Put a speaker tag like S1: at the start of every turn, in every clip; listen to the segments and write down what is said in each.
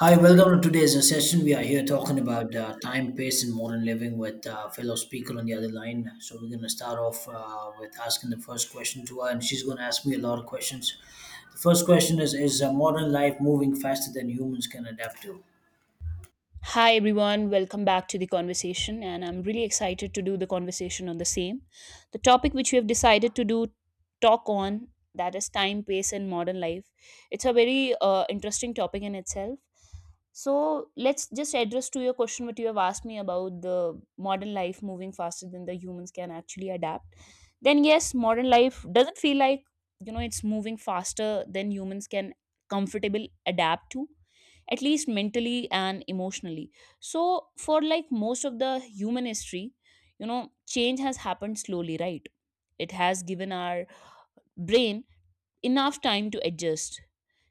S1: Hi, welcome to today's session. We are here talking about time, pace, and modern living with fellow speaker on the other line. So we're going to start off with asking the first question to her, and she's going to ask me a lot of questions. The first question is modern life moving faster than humans can adapt to?
S2: Hi everyone, welcome back to the conversation, and I'm really excited to do the conversation on the same. The topic which we have decided to do talk on, that is time, pace, and modern life. It's a very interesting topic in itself. So let's just address to your question what you have asked me about the modern life moving faster than the humans can actually adapt. Then yes, modern life doesn't feel like, you know, it's moving faster than humans can comfortable adapt to, at least mentally and emotionally. So, for like most of the human history, you know, change has happened slowly, right? It has given our brain enough time to adjust.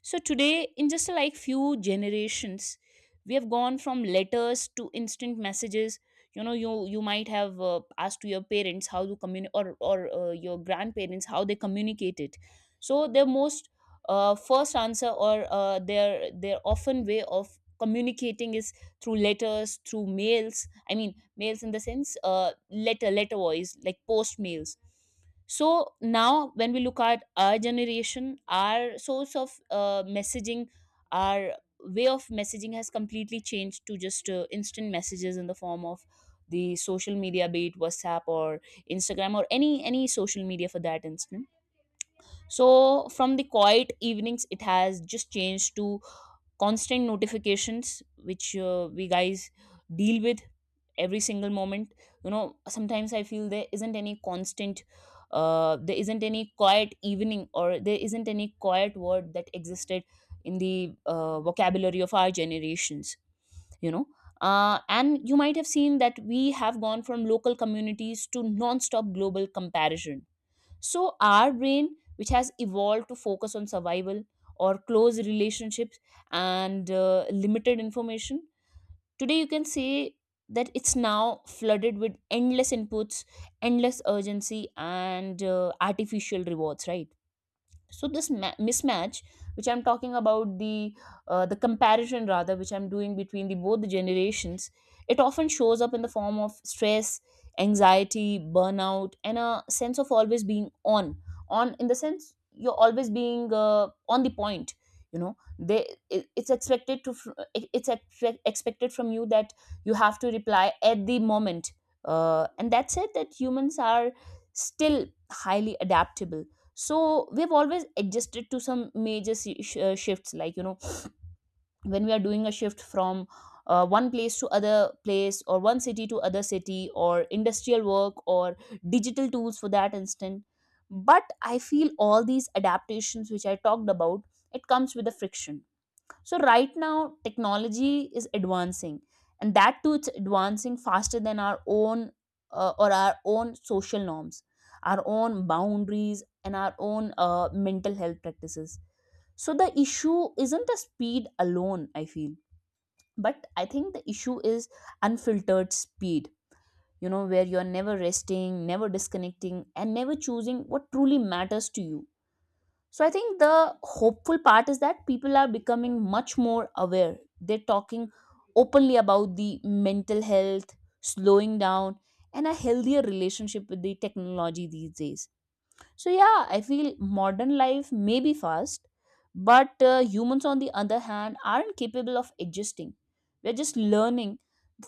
S2: So today, in just like few generations, we have gone from letters to instant messages. You know, you might have asked to your parents how to communicate, or your grandparents how they communicated. So their most first answer or uh, their often way of communicating is through letters, through mails. I mean, mails in the sense letter voice like post mails. So now when we look at our generation, our source of messaging, our way of messaging has completely changed to just instant messages in the form of the social media, be it WhatsApp or Instagram or any social media for that instant. So from the quiet evenings, it has just changed to constant notifications which we guys deal with every single moment, you know. Sometimes I feel there isn't any constant, there isn't any quiet evening, or there isn't any quiet word that existed in the vocabulary of our generations, you know. And you might have seen that we have gone from local communities to non-stop global comparison. So our brain, which has evolved to focus on survival or close relationships and limited information, today, you can say that it's now flooded with endless inputs, endless urgency, and artificial rewards, right? So this mismatch, which I'm talking about, the comparison rather which I'm doing between the both the generations, it often shows up in the form of stress, anxiety, burnout, and a sense of always being on. On in the sense you're always being on the point, you know. It's expected to expected from you that you have to reply at the moment. And that's it, that humans are still highly adaptable. So we've always adjusted to some major shifts, like, you know, when we are doing a shift from one place to other place, or one city to other city, or industrial work, or digital tools for that instant. But I feel all these adaptations which I talked about, it comes with a friction. So right now, technology is advancing, and that too, it's advancing faster than our own or our own social norms, our own boundaries, and our own mental health practices. So the issue isn't the speed alone, I feel, but I think the issue is unfiltered speed. You know, where you're never resting, never disconnecting, and never choosing what truly matters to you. So I think the hopeful part is that people are becoming much more aware. They're talking openly about the mental health, slowing down, and a healthier relationship with the technology these days. So yeah, I feel modern life may be fast, but humans on the other hand aren't capable of adjusting. We're just learning.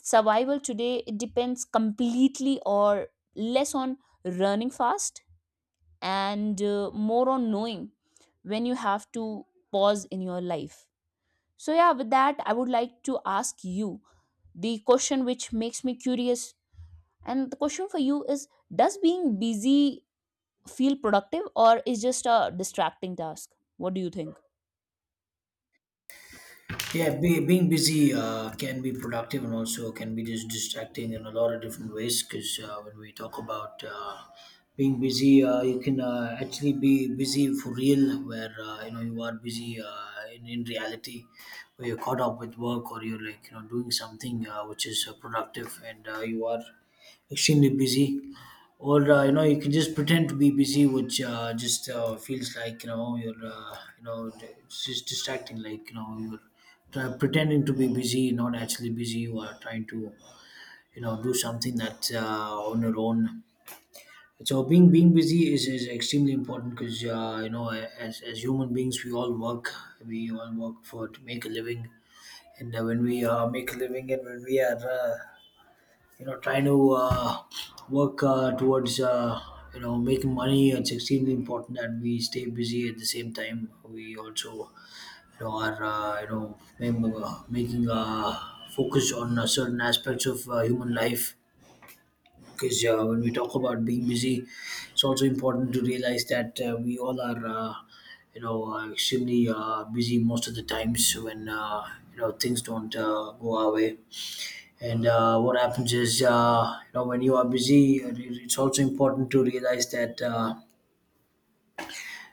S2: Survival today, it depends completely or less on running fast and more on knowing when you have to pause in your life. So, yeah, with that, I would like to ask you the question which makes me curious. And the question for you is: Does being busy feel productive or is just a distracting task? What do you think?
S1: Yeah, being busy can be productive and also can be just distracting in a lot of different ways. Because when we talk about being busy, you can actually be busy for real, where you know you are busy in reality, where you're caught up with work or you're like you know doing something which is productive and you are extremely busy. Or you know you can just pretend to be busy, which just feels like you know you know it's just distracting, like you know you're pretending to be busy, not actually busy. You are trying to, you know, do something that's on your own. So being busy is extremely important because you know as human beings we all work for to make a living and when we make a living and when we are you know trying to work towards you know making money. It's extremely important that we stay busy. At the same time, we also you know, are making a focus on certain aspects of human life. Because when we talk about being busy, it's also important to realize that we all are you know extremely busy most of the times when you know things don't go our way. And what happens is, you know, when you are busy, it's also important to realize that.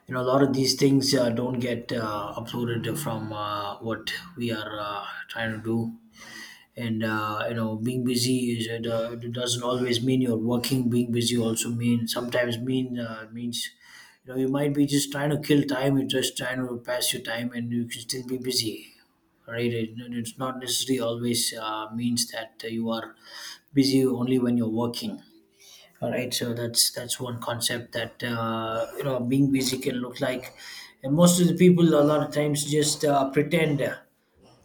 S1: You know a lot of these things don't get uploaded from what we are trying to do. And you know being busy it doesn't always mean you're working. Being busy also mean sometimes mean means you know you might be just trying to kill time. You're just trying to pass your time and you can still be busy, right? It it's not necessarily always means that you are busy only when you're working. All right, so that's one concept that you know being busy can look like, and most of the people a lot of times just pretend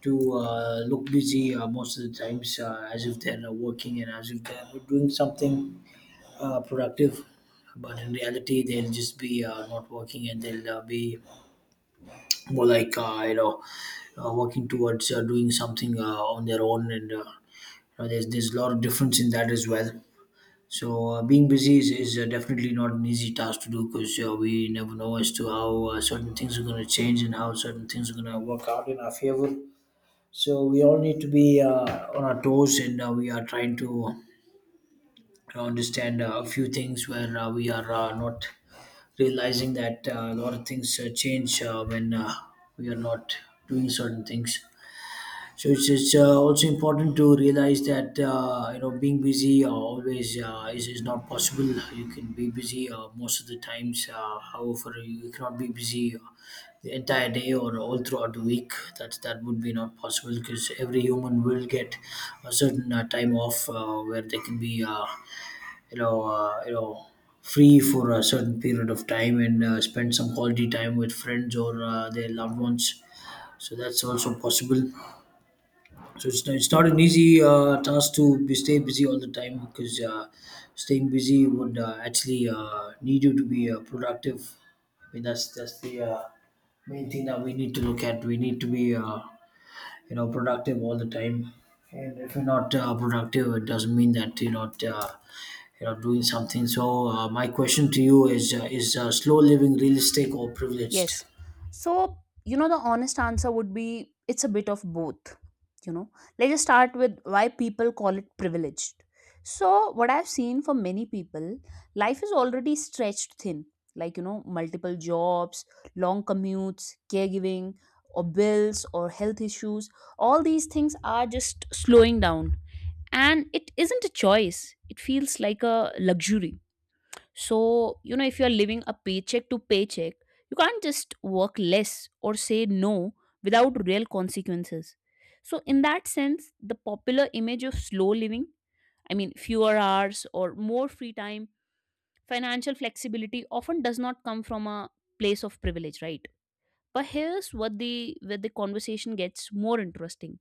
S1: to look busy most of the times as if they're working and as if they're doing something productive, but in reality they'll just be not working and they'll be more like you know working towards doing something on their own and you know, there's a lot of difference in that as well. So being busy is definitely not an easy task to do because we never know as to how certain things are going to change and how certain things are going to work out in our favor. So we all need to be on our toes and we are trying to understand a few things where we are not realizing that a lot of things change when we are not doing certain things. So it's also important to realize that you know being busy always is not possible. You can be busy most of the times. However, you cannot be busy the entire day or all throughout the week. That would be not possible because every human will get a certain time off where they can be you know free for a certain period of time and spend some quality time with friends or their loved ones. So that's also possible. So it's not an easy task to be stay busy all the time because staying busy would actually need you to be productive. I mean that's the main thing that we need to look at. We need to be you know productive all the time. And if you're not productive, it doesn't mean that you're not you know doing something. So my question to you is: Is slow living realistic or privileged?
S2: Yes. So, you know, the honest answer would be it's a bit of both. You know, let's just start with why people call it privileged. So, what I've seen for many people, life is already stretched thin, like, you know, multiple jobs, long commutes, caregiving, or bills, or health issues. All these things are just slowing down. And it isn't a choice, it feels like a luxury. So, you know, if you're living a paycheck to paycheck, you can't just work less or say no without real consequences. So, in that sense, the popular image of slow living, I mean, fewer hours or more free time, financial flexibility, often does not come from a place of privilege, right? But here's what, the where the conversation gets more interesting.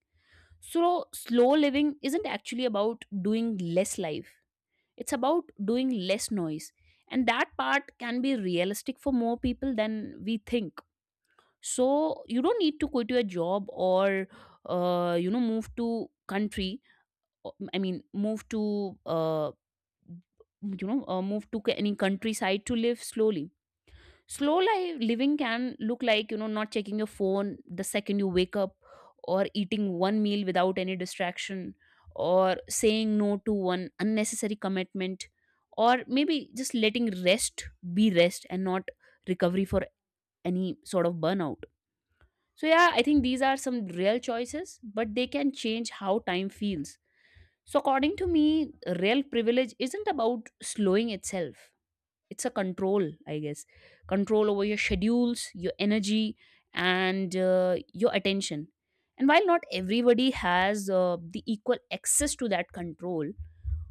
S2: So slow living isn't actually about doing less life, it's about doing less noise. And that part can be realistic for more people than we think. So you don't need to quit your job or, you know, move to country. or- I mean, move to, uh, move to any countryside to live slowly. Slow life living can look like, you know, not checking your phone the second you wake up, or eating one meal without any distraction, or saying no to one unnecessary commitment, or maybe just letting rest be rest and not recovery for any sort of burnout. So yeah, I think these are some real choices, but they can change how time feels. So according to me, real privilege isn't about slowing itself, it's a control, I guess. Control over your schedules, your energy, and your attention. And while not everybody has the equal access to that control,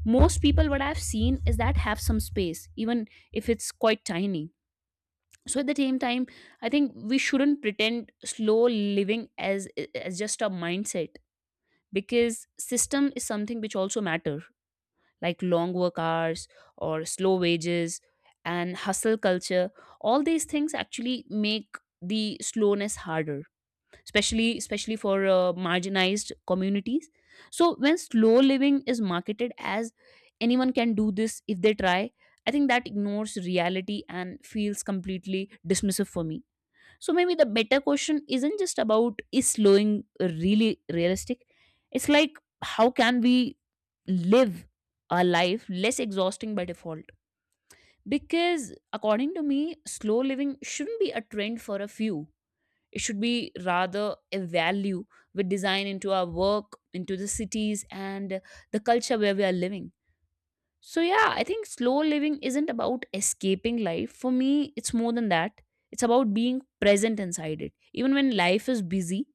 S2: most people, what I've seen, is that have some space, even if it's quite tiny. So at the same time, I think we shouldn't pretend slow living as as just a mindset, because system is something which also matter. Like long work hours, or slow wages, and hustle culture, all these things actually make the slowness harder, especially for marginalized communities. So when slow living is marketed as anyone can do this if they try, I think that ignores reality and feels completely dismissive for me. So maybe the better question isn't just about is slowing really realistic? It's like, how can we live a life less exhausting by default? Because according to me, slow living shouldn't be a trend for a few. It should be rather a value we design into our work, into the cities and the culture where we are living. So, yeah, I think slow living isn't about escaping life. For me, it's more than that. It's about being present inside it. Even when life is busy,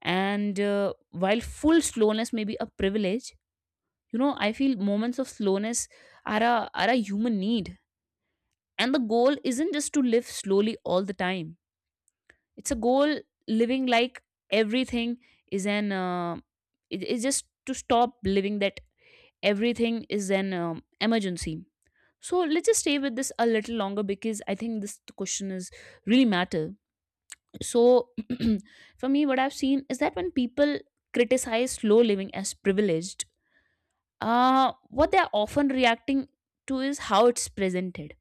S2: and while full slowness may be a privilege, you know, I feel moments of slowness are a human need. And the goal isn't just to live slowly all the time, it's a goal living like everything is an, it's just to stop living that everything is an emergency. So let's just stay with this a little longer because I think this question is really matter. So for me, what I've seen is that when people criticize slow living as privileged, what they're often reacting to is how it's presented.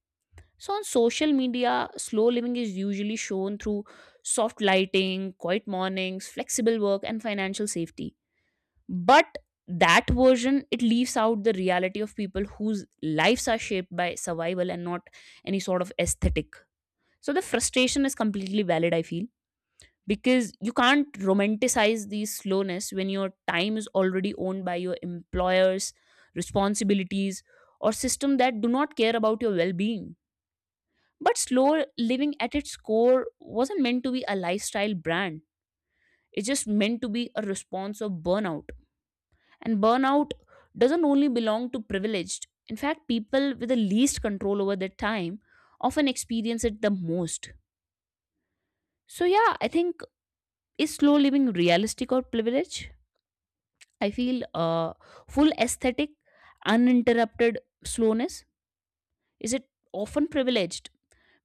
S2: So on social media, slow living is usually shown through soft lighting, quiet mornings, flexible work, and financial safety, but that version, it leaves out the reality of people whose lives are shaped by survival and not any sort of aesthetic. So the frustration is completely valid, I feel, because you can't romanticize the slowness when your time is already owned by your employers, responsibilities, or system that do not care about your well-being. But slow living at its core wasn't meant to be a lifestyle brand, it's just meant to be a response of burnout. And burnout doesn't only belong to privileged. In fact, people with the least control over their time often experience it the most. So, yeah, I think, is slow living realistic or privilege? I feel full aesthetic, uninterrupted slowness. Is it often privileged?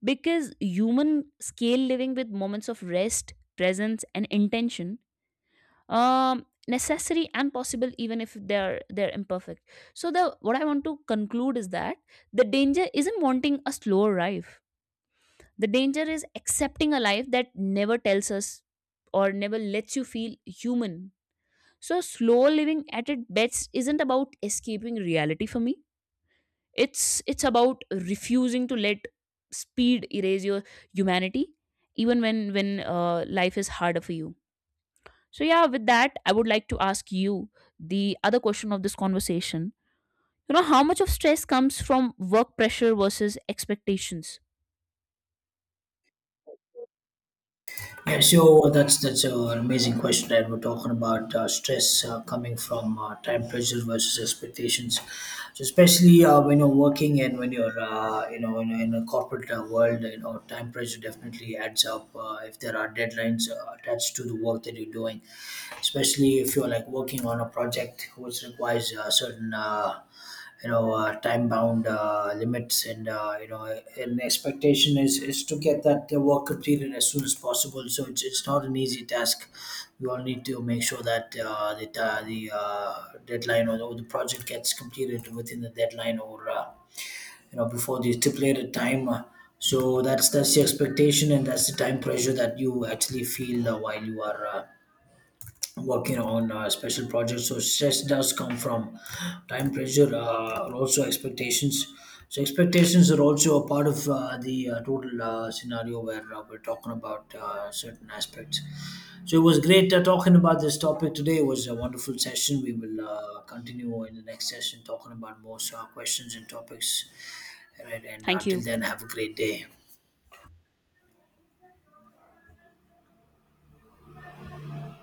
S2: Because human scale living with moments of rest, presence, and intention, um, necessary and possible even if they're imperfect. So the, what I want to conclude is that the danger isn't wanting a slower life, the danger is accepting a life that never tells us or never lets you feel human. So slow living at its best isn't about escaping reality for me, it's about refusing to let speed erase your humanity, even when life is harder for you. So, yeah, with that, I would like to ask you the other question of this conversation. You know, how much of stress comes from work pressure versus expectations?
S1: Yeah, so that's an amazing question, right? We're talking about stress coming from time pressure versus expectations. So especially when you're working and when you're you know in a corporate world, you know time pressure definitely adds up. If there are deadlines attached to the work that you're doing, especially if you're like working on a project which requires certain you know time bound limits and you know an expectation is to get that work completed as soon as possible. So it's not an easy task. We all need to make sure that the deadline or or the project gets completed within the deadline or you know before the stipulated time. So that's the expectation and that's the time pressure that you actually feel while you are working on special projects. So stress does come from time pressure and also expectations. So expectations are also a part of the total scenario where we're talking about certain aspects. So it was great talking about this topic today. It was a wonderful session. We will continue in the next session talking about more questions and topics. All right, and
S2: Thank
S1: until
S2: you.
S1: then have a great day.